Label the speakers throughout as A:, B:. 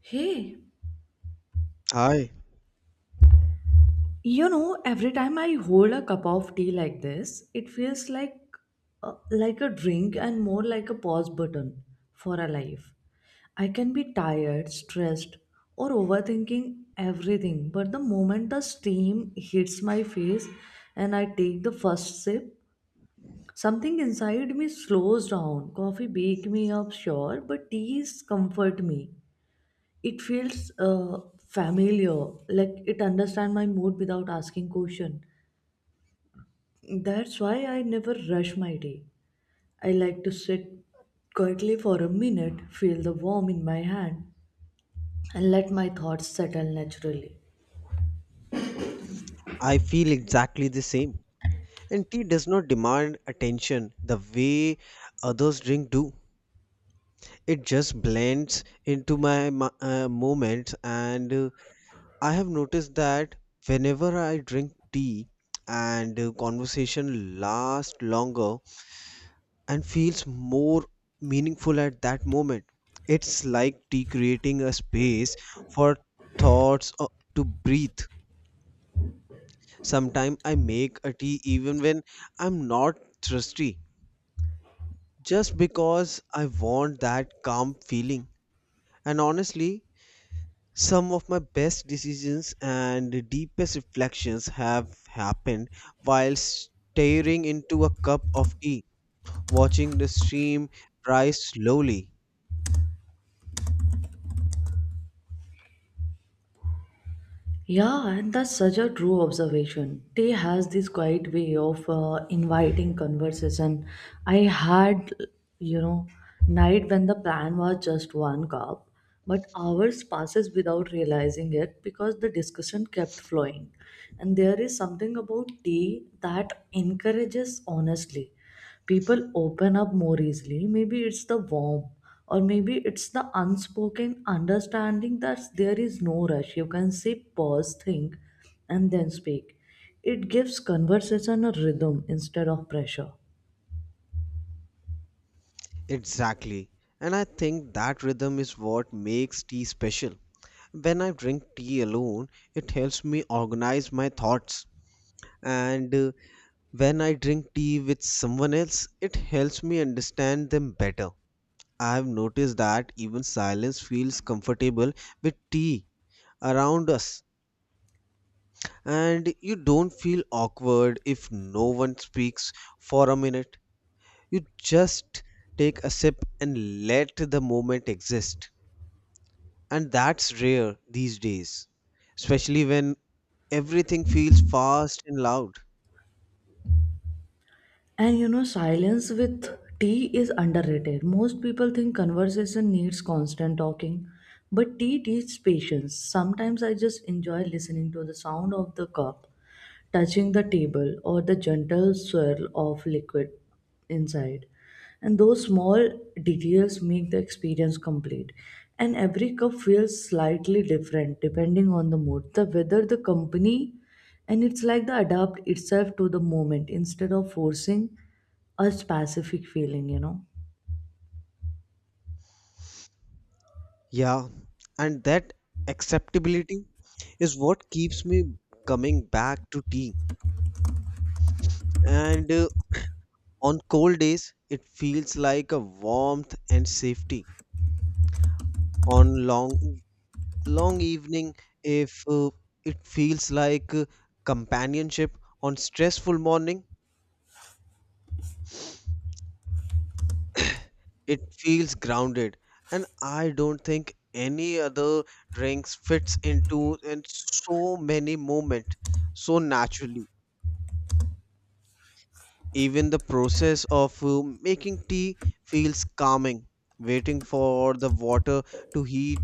A: Hey,
B: Hi,
A: you know, every time I hold a cup of tea like this, it feels like a drink and more like a pause button for a life. I can be tired, stressed, or overthinking everything, but the moment the steam hits my face and I take the first sip, something inside me slows down. Coffee wake me up, sure, but teas comfort me. It feels familiar, like it understands my mood without asking question. That's why I never rush my day. I like to sit quietly for a minute, feel the warmth in my hand, and let my thoughts settle naturally.
B: I feel exactly the same. And tea does not demand attention the way others drink do. It just blends into my moments, and I have noticed that whenever I drink tea, and conversation lasts longer and feels more meaningful at that moment. It's like tea creating a space for thoughts to breathe. Sometimes I make a tea even when I'm not thirsty, just because I want that calm feeling. And honestly, some of my best decisions and deepest reflections have happened while staring into a cup of tea, watching the stream rise slowly.
A: Yeah, and that's such a true observation. Tea has this quiet way of inviting conversation. I had, you know, night when the plan was just one cup, but hours passes without realizing it because the discussion kept flowing. And there is something about tea that encourages honestly, people open up more easily. Maybe it's the warmth, or maybe it's the unspoken understanding that there is no rush. You can say, pause, think, and then speak. It gives conversation a rhythm instead of pressure.
B: Exactly. And I think that rhythm is what makes tea special. When I drink tea alone, it helps me organize my thoughts and When I drink tea with someone else, it helps me understand them better. I have noticed that even silence feels comfortable with tea around us, and you don't feel awkward if no one speaks for a minute. You just take a sip and let the moment exist. And that's rare these days, especially when everything feels fast and loud.
A: And you know, silence with tea is underrated. Most people think conversation needs constant talking, but tea teaches patience. Sometimes I just enjoy listening to the sound of the cup touching the table, or the gentle swirl of liquid inside. And those small details make the experience complete. And every cup feels slightly different depending on the mood, the weather, the company, and it's like the adapt itself to the moment instead of forcing a specific feeling, you know.
B: Yeah, and that acceptability is what keeps me coming back to tea. And on cold days, it feels like a warmth and safety. On long, long evening, if it feels like companionship. On stressful morning, it feels grounded. And I don't think any other drinks fits into in so many moments so naturally. Even the process of making tea feels calming, waiting for the water to heat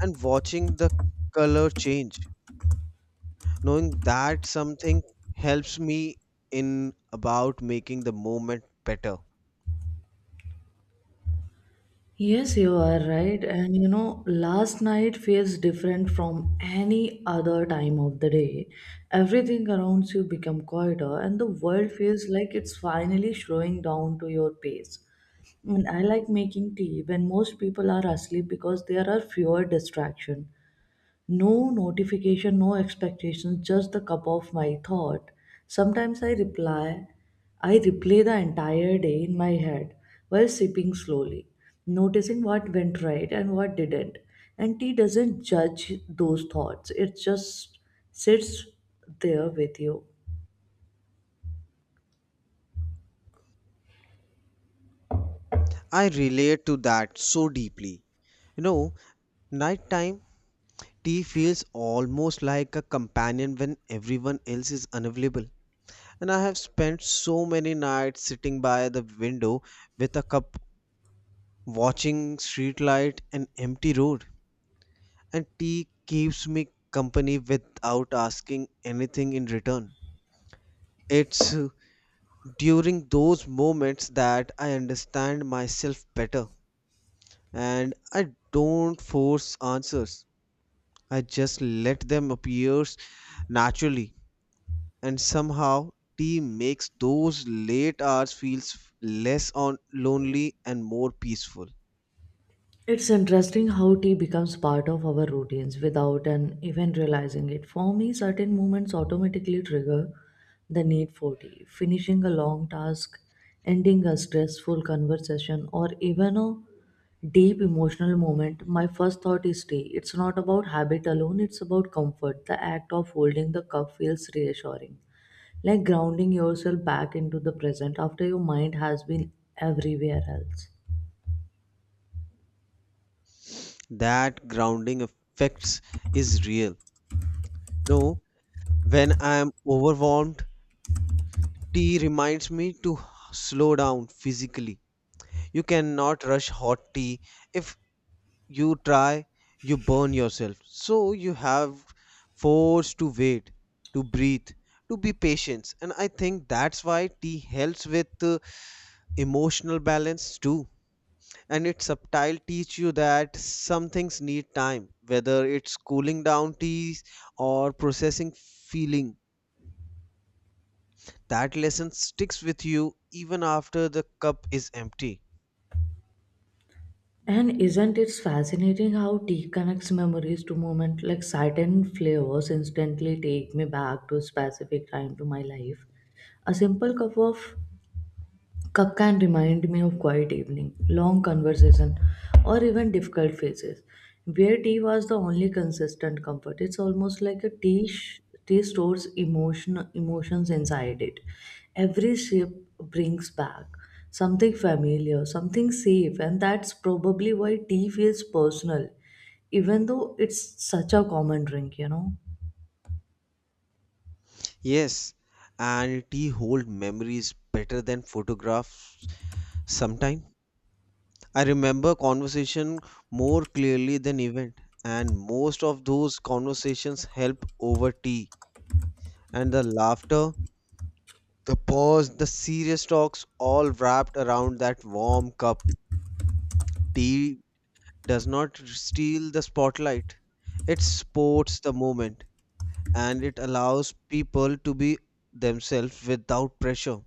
B: and watching the color change. Knowing that something helps me in about making the moment better.
A: Yes, you are right. And you know, last night feels different from any other time of the day. Everything around you become quieter and the world feels like it's finally slowing down to your pace. And I like making tea when most people are asleep because there are fewer distractions. No notification, no expectation, just the cup of my thought. Sometimes I reply, I replay the entire day in my head while sipping slowly, noticing what went right and what didn't. And tea doesn't judge those thoughts, it just sits there with you.
B: I relate to that so deeply. You know, nighttime tea feels almost like a companion when everyone else is unavailable. And I have spent so many nights sitting by the window with a cup watching streetlight and empty road. And tea keeps me company without asking anything in return. It's during those moments that I understand myself better and I don't force answers. I just let them appear naturally and somehow tea makes those late hours feels less on lonely and more peaceful.
A: It's interesting how tea becomes part of our routines without an even realizing it. For me, certain moments automatically trigger the need for tea. Finishing a long task, ending a stressful conversation, or even a deep emotional moment, my first thought is tea. It's not about habit alone, it's about comfort. The act of holding the cup feels reassuring, like grounding yourself back into the present after your mind has been everywhere else.
B: That grounding effects is real. No, when I am overwhelmed, tea reminds me to slow down physically. You cannot rush hot tea. If you try, you burn yourself. So you have forced to wait, to breathe, to be patient. And I think that's why tea helps with emotional balance too. And its subtle teach you that some things need time, whether it's cooling down teas or processing feeling. That lesson sticks with you even after the cup is empty.
A: And isn't it fascinating how tea connects memories to moments, like certain flavors instantly take me back to a specific time to my life? A simple cup of Cup can remind me of quiet evening, long conversation, or even difficult phases, where tea was the only consistent comfort. It's almost like a tea stores emotion emotions inside it. Every sip brings back something familiar, something safe, and that's probably why tea feels personal, even though it's such a common drink, you know.
B: Yes, and tea hold memories better than photographs sometimes. I remember conversation more clearly than event, and most of those conversations help over tea. And the laughter, the pause, the serious talks all wrapped around that warm cup. Tea does not steal the spotlight. It sports the moment, and it allows people to be themselves without pressure.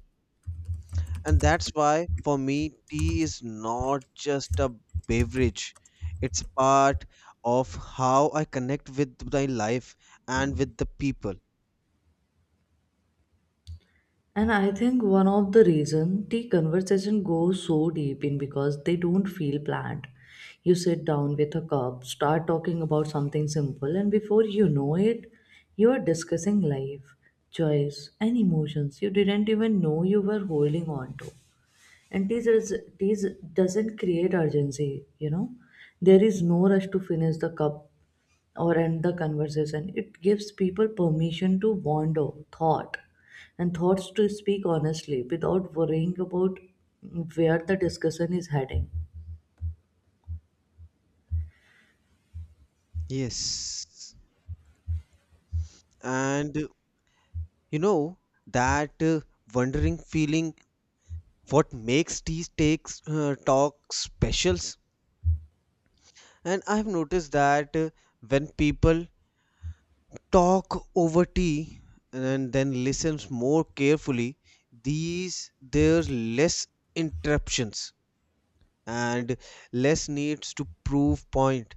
B: And that's why, for me, tea is not just a beverage, it's part of how I connect with my life and with the people.
A: And I think one of the reason the conversation goes so deep in because they don't feel planned. You sit down with a cup, start talking about something simple, and before you know it, you are discussing life, choice, and emotions you didn't even know you were holding on to. And these doesn't create urgency, you know. There is no rush to finish the cup or end the conversation. It gives people permission to wander, thought, and thoughts to speak honestly without worrying about where the discussion is heading.
B: Yes. And you know, that wondering feeling what makes tea takes talk specials. And I've noticed that when people talk over tea and then listens more carefully these there's less interruptions and less needs to prove point,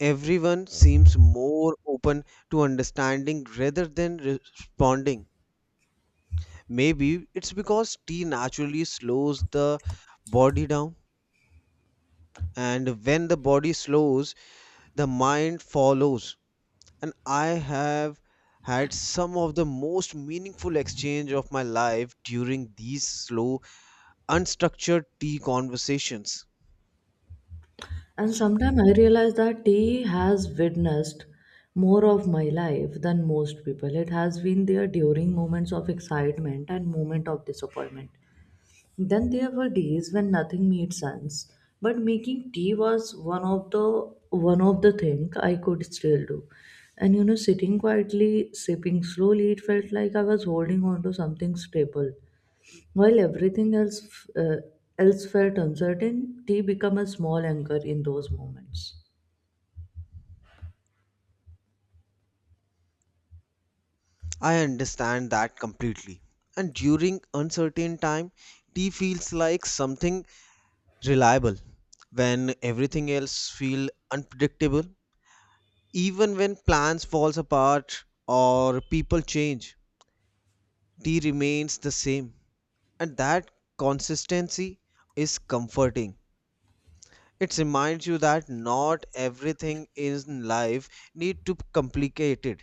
B: everyone seems more open to understanding rather than responding. Maybe it's because tea naturally slows the body down, and when the body slows, the mind follows. And I have had some of the most meaningful exchange of my life during these slow, unstructured tea conversations.
A: And sometimes I realize that tea has witnessed more of my life than most people. It has been there during moments of excitement and moment of disappointment. Then there were days when nothing made sense, but making tea was one of the thing I could still do. And you know, sitting quietly, sipping slowly, it felt like I was holding on to something stable. While else felt uncertain, tea became a small anchor in those moments.
B: I understand that completely. And during uncertain time, tea feels like something reliable when everything else feel unpredictable. Even when plans falls apart or people change, tea remains the same. And that consistency is comforting. It reminds you that not everything in life need to be complicated.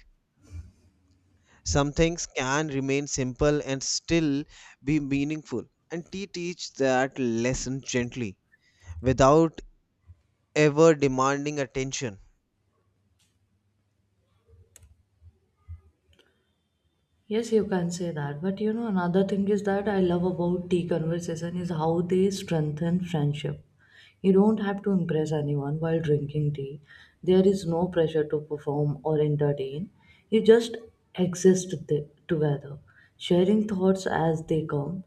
B: Some things can remain simple and still be meaningful. And he teach that lesson gently without ever demanding attention.
A: Yes, you can say that. But you know, another thing is that I love about tea conversation is how they strengthen friendship. You don't have to impress anyone while drinking tea. There is no pressure to perform or entertain. You just together, sharing thoughts as they come.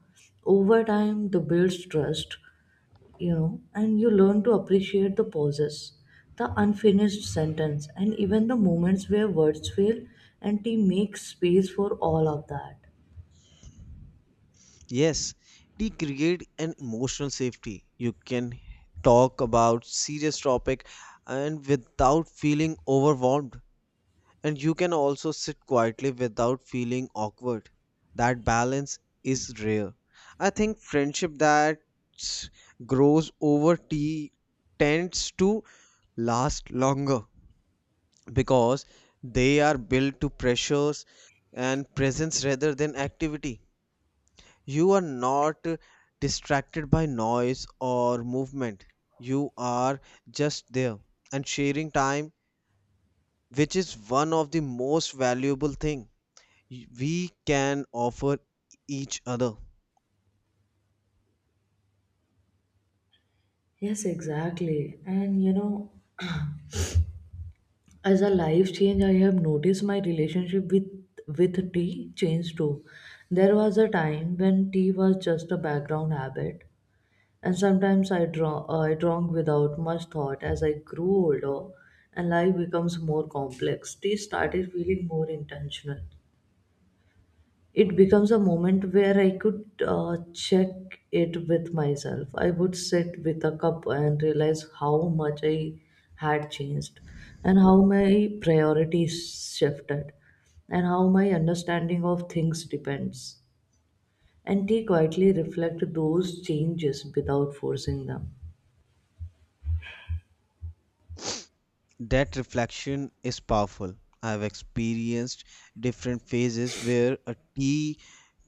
A: Over time, the builds trust, you know, and you learn to appreciate the pauses, the unfinished sentence, and even the moments where words fail, and tea makes space for all of that.
B: Yes, he create an emotional safety. You can talk about serious topic and without feeling overwhelmed, and you can also sit quietly without feeling awkward. That balance is rare. I think friendship that grows over tea tends to last longer because they are built to pressures and presence rather than activity. You are not distracted by noise or movement. You are just there and sharing time, which is one of the most valuable thing we can offer each other.
A: Yes, exactly. And you know, as a life change, I have noticed my relationship with tea changed too. There was a time when tea was just a background habit. And sometimes I drank without much thought. As I grew older and life becomes more complex, tea started feeling more intentional. It becomes a moment where I could check it with myself. I would sit with a cup and realize how much I had changed, and how my priorities shifted, and how my understanding of things depends. And tea quietly reflect those changes without forcing them.
B: That reflection is powerful. I've experienced different phases where a tea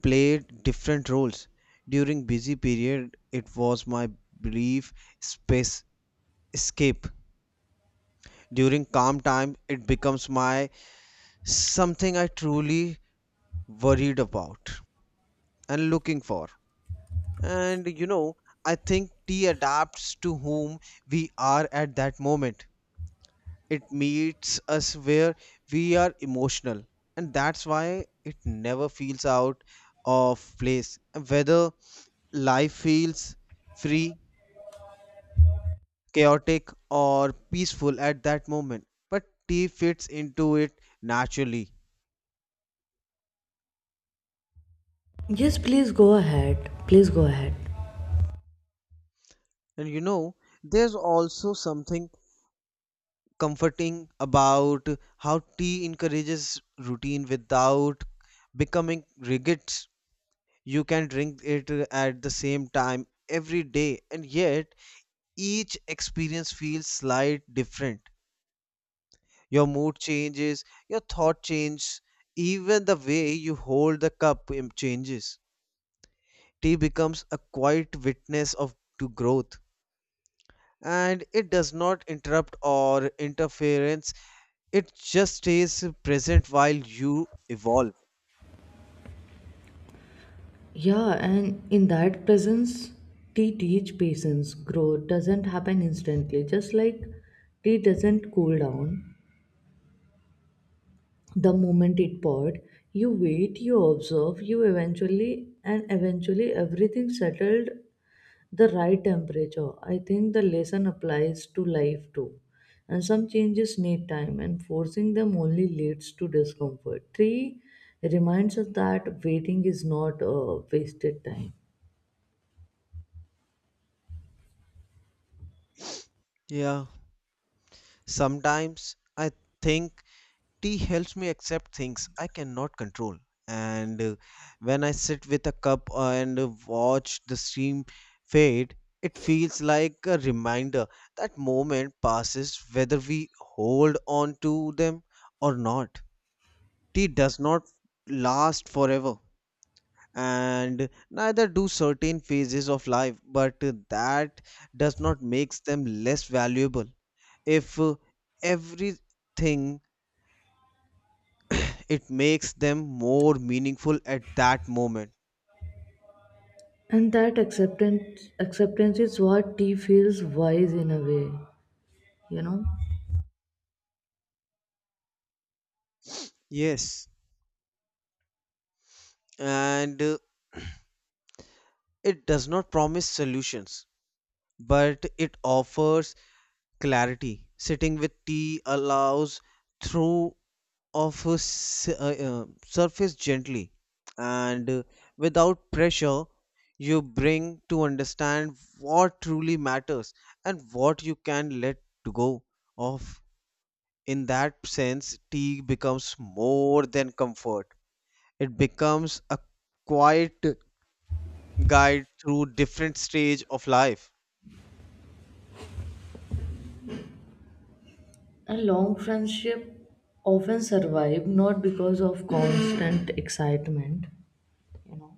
B: played different roles. During busy period, it was my brief space escape. During calm time, it becomes my something I truly worried about and looking for. And you know, I think tea adapts to whom we are at that moment. It meets us where we are emotional, and that's why it never feels out of place whether life feels free, chaotic, or peaceful at that moment. But tea fits into it naturally.
A: Yes, please go ahead. Please go ahead.
B: And you know, there's also something comforting about how tea encourages routine without becoming rigid. You can drink it at the same time every day, and yet each experience feels slight different. Your mood changes, your thought changes, even the way you hold the cup changes. Tea becomes a quiet witness of to growth, and it does not interrupt or interference. It just stays present while you evolve.
A: Yeah, and in that presence, tea teach patience. Growth doesn't happen instantly. Just like tea doesn't cool down the moment it poured. You wait, you observe, you eventually, and eventually everything settled the right temperature. I think the lesson applies to life too. And some changes need time, and forcing them only leads to discomfort. Three reminds us that waiting is not a wasted time.
B: Yeah. Sometimes I think tea helps me accept things I cannot control. And when I sit with a cup and watch the stream fade, it feels like a reminder that moment passes whether we hold on to them or not. Tea does not last forever, and neither do certain phases of life, but that does not makes them less valuable. If everything it makes them more meaningful at that moment.
A: And that acceptance is what tea feels wise in a way, you know.
B: Yes, and it does not promise solutions, but it offers clarity. Sitting with tea allows through of a surface gently and without pressure you bring to understand what truly matters and what you can let to go of. In that sense, tea becomes more than comfort. It becomes a quiet guide through different stage of life.
A: And long friendship often survive not because of constant excitement, you know,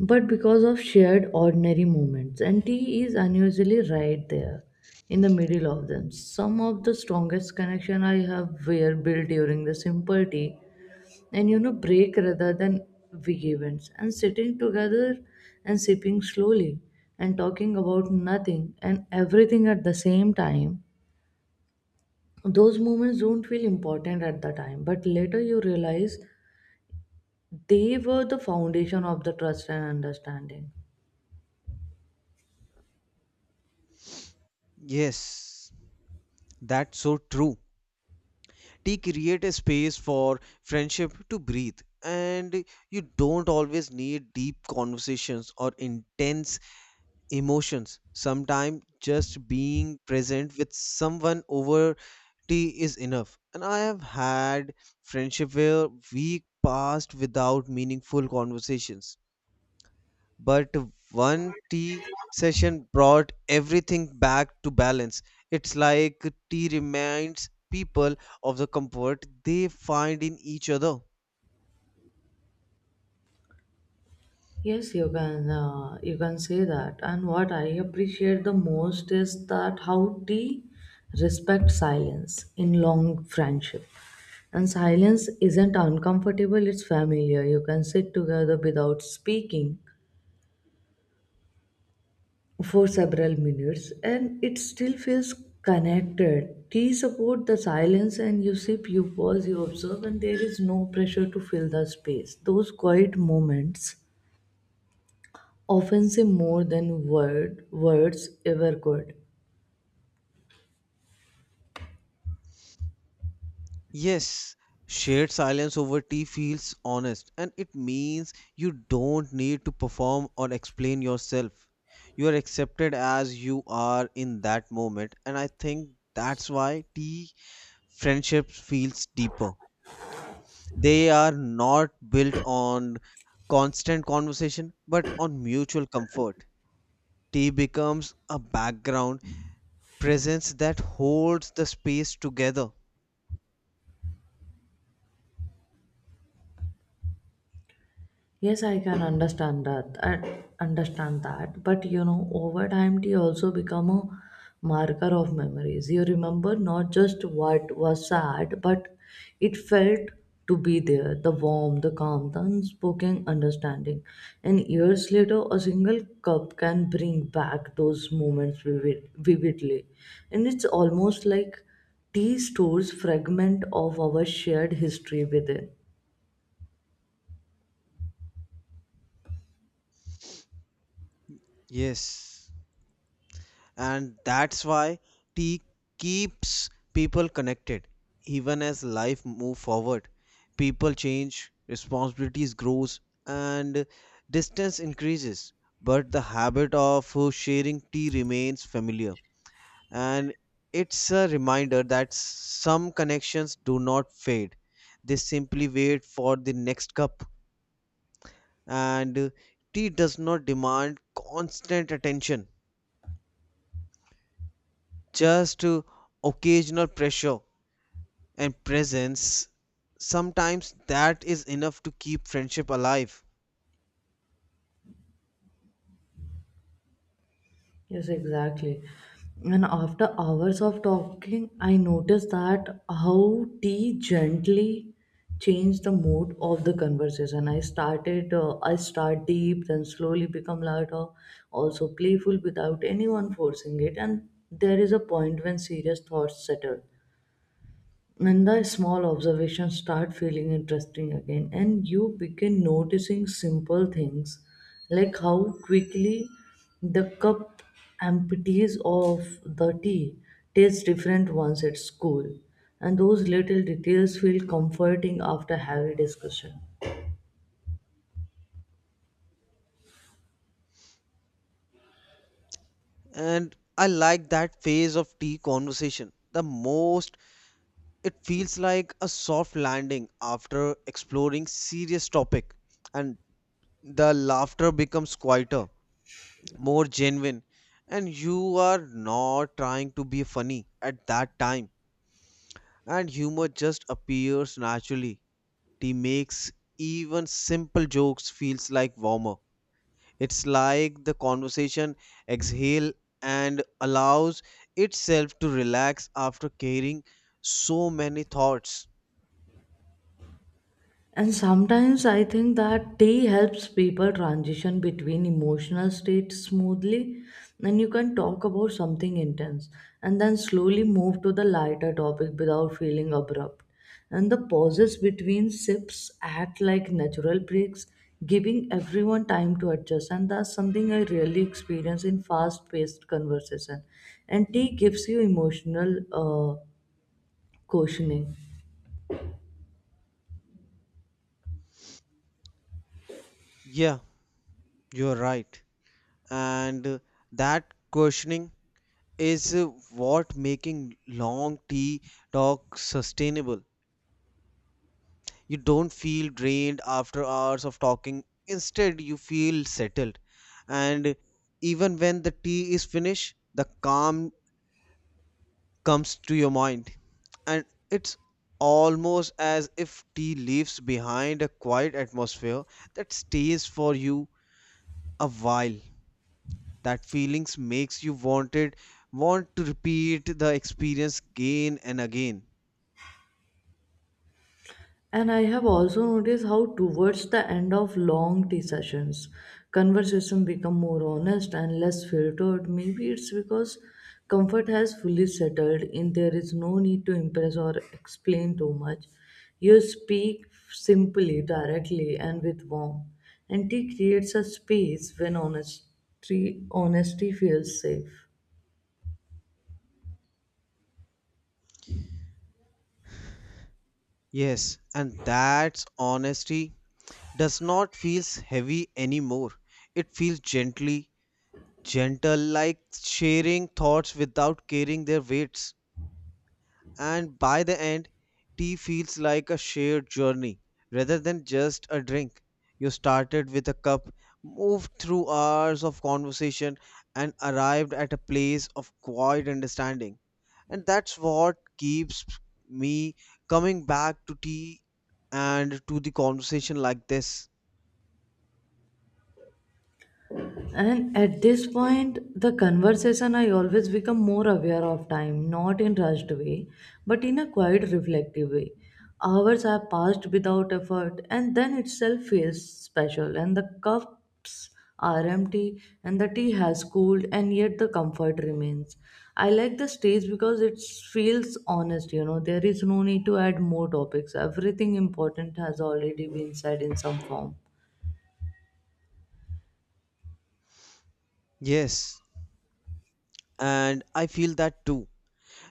A: but because of shared ordinary moments, and tea is unusually right there in the middle of them. Some of the strongest connection I have were built during the simple tea and you know break rather than big events, and sitting together and sipping slowly and talking about nothing and everything at the same time. Those moments don't feel important at the time, but later you realize they were the foundation of the trust and understanding.
B: Yes, that's so true. Tea create a space for friendship to breathe, and you don't always need deep conversations or intense emotions. Sometimes just being present with someone over tea is enough. And I have had friendship where we passed without meaningful conversations but one tea session brought everything back to balance. It's like tea reminds people of the comfort they find in each other.
A: Yes, you can say that. And what I appreciate the most is that how tea respects silence in long friendship. And silence isn't uncomfortable, it's familiar. You can sit together without speaking for several minutes and it still feels connected. Tea support the silence, and you sip, you pause, you observe, and there is no pressure to fill the space. Those quiet moments often say more than words ever could.
B: Yes, shared silence over tea feels honest, and it means you don't need to perform or explain yourself. You are accepted as you are in that moment, and I think that's why tea friendships feels deeper. They are not built on constant conversation but on mutual comfort. Tea becomes a background presence that holds the space together.
A: Yes, I can understand that. I understand that. But you know, over time, tea also become a marker of memories. You remember not just what was sad, but it felt to be there, the warmth, the calm, the unspoken understanding. And years later, a single cup can bring back those moments vividly. And it's almost like tea stores fragment of our shared history within.
B: Yes. And that's why tea keeps people connected even as life move forward. People change, responsibilities grows and distance increases, but the habit of sharing tea remains familiar, and it's a reminder that some connections do not fade. They simply wait for the next cup. And tea does not demand constant attention, just occasional pressure and presence. Sometimes that is enough to keep friendship alive.
A: Yes, exactly. And after hours of talking, I noticed that how tea gently changed the mood of the conversation. I start deep, then slowly become lighter, also playful without anyone forcing it. And there is a point when serious thoughts settle, when the small observations start feeling interesting again and you begin noticing simple things like how quickly the cup empties of the tea tastes different once it's cool, and those little details feel comforting after heavy discussion.
B: And I like that phase of tea conversation the most. It feels like a soft landing after exploring serious topic, and the laughter becomes quieter, more genuine, and you are not trying to be funny at that time. And humor just appears naturally. It makes even simple jokes feels like warmer. It's like the conversation exhale and allows itself to relax after carrying so many thoughts.
A: And sometimes I think that tea helps people transition between emotional states smoothly. And you can talk about something intense and then slowly move to the lighter topic without feeling abrupt. And the pauses between sips act like natural breaks, giving everyone time to adjust. And that's something I really experience in fast paced conversation. And tea gives you emotional cushioning.
B: Yeah, you're right. And that questioning is what making long tea talk sustainable. You don't feel drained after hours of talking. Instead, you feel settled. And even when the tea is finished, the calm comes to your mind. And it's almost as if tea leaves behind a quiet atmosphere that stays for you a while. That feelings makes you want to repeat the experience again and again.
A: And I have also noticed how towards the end of long tea sessions, conversation become more honest and less filtered. Maybe it's because comfort has fully settled in, there is no need to impress or explain too much. You speak simply, directly and with warmth. And tea creates a space when honesty feels safe.
B: Yes, and that's honesty does not feels heavy anymore. It feels gently gentle like sharing thoughts without carrying their weights. And by the end, tea feels like a shared journey rather than just a drink. You started with a cup, moved through hours of conversation and arrived at a place of quiet understanding, and that's what keeps me coming back to tea and to the conversation like this.
A: And at this point, the conversation I always become more aware of time, not in rushed way, but in a quiet, reflective way. Hours have passed without effort, and then itself feels special. And the cups are empty, and the tea has cooled, and yet the comfort remains. I like the stage because it feels honest. You know, there is no need to add more topics. Everything important has already been said in some form.
B: Yes, and I feel that too.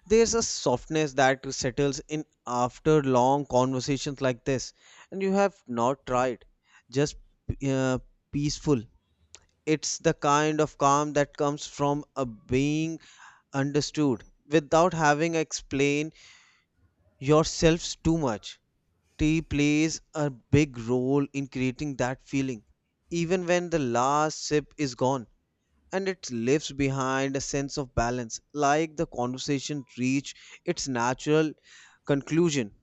B: There's a softness that settles in after long conversations like this, and you have not tried, just uh, peaceful. It's the kind of calm that comes from a being understood without having explain yourselves too much. Tea plays a big role in creating that feeling, even when the last sip is gone. And it leaves behind a sense of balance, like the conversation reached its natural conclusion.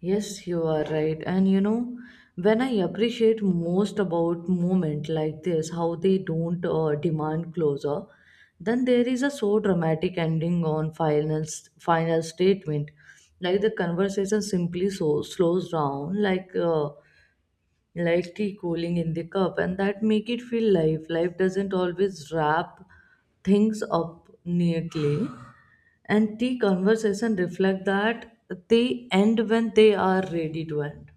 A: Yes, you are right. And you know, when I appreciate most about moment like this, how they don't demand closure, then there is a so dramatic ending on final statement. Like the conversation simply so slows down, like lightly cooling in the cup, and that make it feel life doesn't always wrap things up neatly, and tea conversation reflect that, they end when they are ready to end.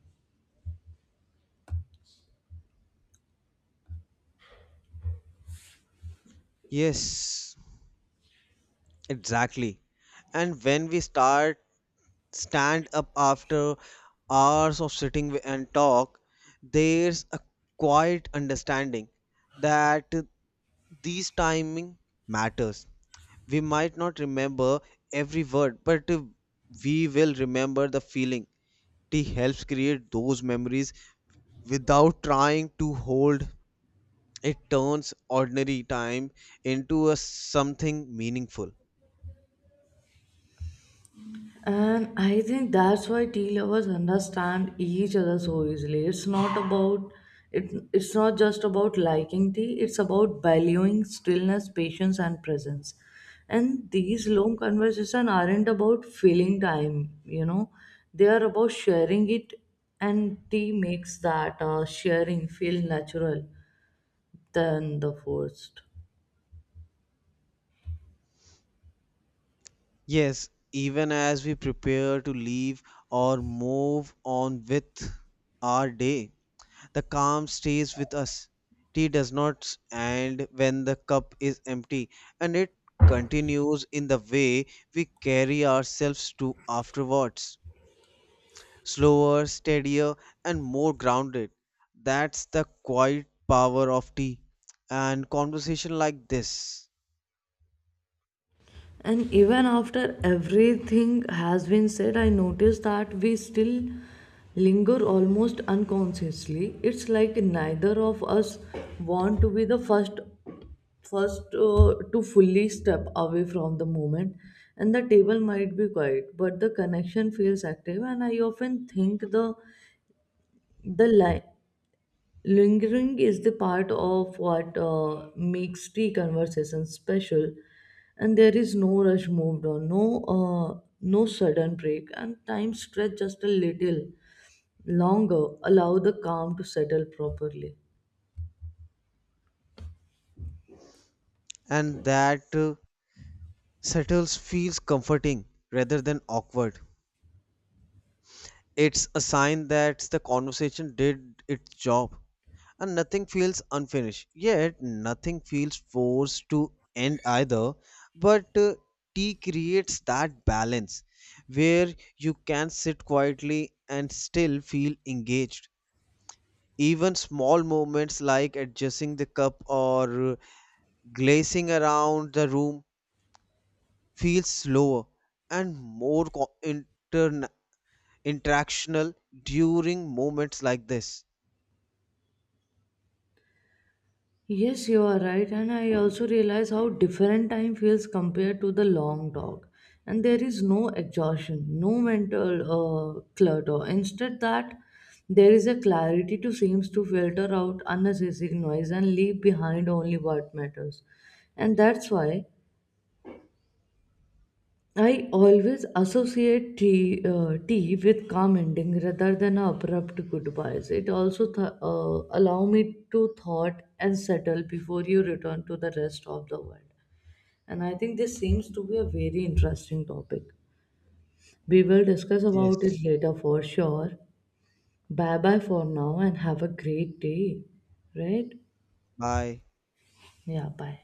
B: Yes, exactly. And when we start stand up after hours of sitting and talk, there's a quiet understanding that these timing matters. We might not remember every word, but we will remember the feeling. Tea helps create those memories without trying to hold. It turns ordinary time into a something meaningful.
A: And I think that's why tea lovers understand each other so easily. It's not about it's not just about liking tea, it's about valuing stillness, patience, and presence. And these long conversations aren't about filling time, you know, they are about sharing it, and tea makes that sharing feel natural than the forced.
B: Yes, even as we prepare to leave or move on with our day. The calm stays with us. Tea does not end when the cup is empty, and it continues in the way we carry ourselves to afterwards. Slower, steadier, and more grounded. That's the quiet power of tea and conversation like this.
A: And even after everything has been said, I notice that we still linger almost unconsciously. It's like neither of us want to be the first to fully step away from the moment, and the table might be quiet but the connection feels active. And I often think the line Lingering is the part of what makes tea conversation special, and there is no rush moved on, no sudden break, and time stretched just a little longer, allow the calm to settle properly.
B: And that settles feels comforting rather than awkward. It's a sign that the conversation did its job, and nothing feels unfinished. Yet nothing feels forced to end either. But tea creates that balance where you can sit quietly and still feel engaged. Even small moments like adjusting the cup or glazing around the room feels slower and more interactional during moments like this.
A: Yes, you are right, and I also realize how different time feels compared to the long talk. And there is no exhaustion, no mental clutter. Instead, that there is a clarity to seems to filter out unnecessary noise and leave behind only what matters. And that's why I always associate tea with calm ending rather than abrupt goodbyes. It also allow me to thought and settle before you return to the rest of the world. And I think this seems to be a very interesting topic. We will discuss about
B: Yes.
A: it later for sure. Bye bye for now and have a great day. Right?
B: Bye.
A: Yeah, bye.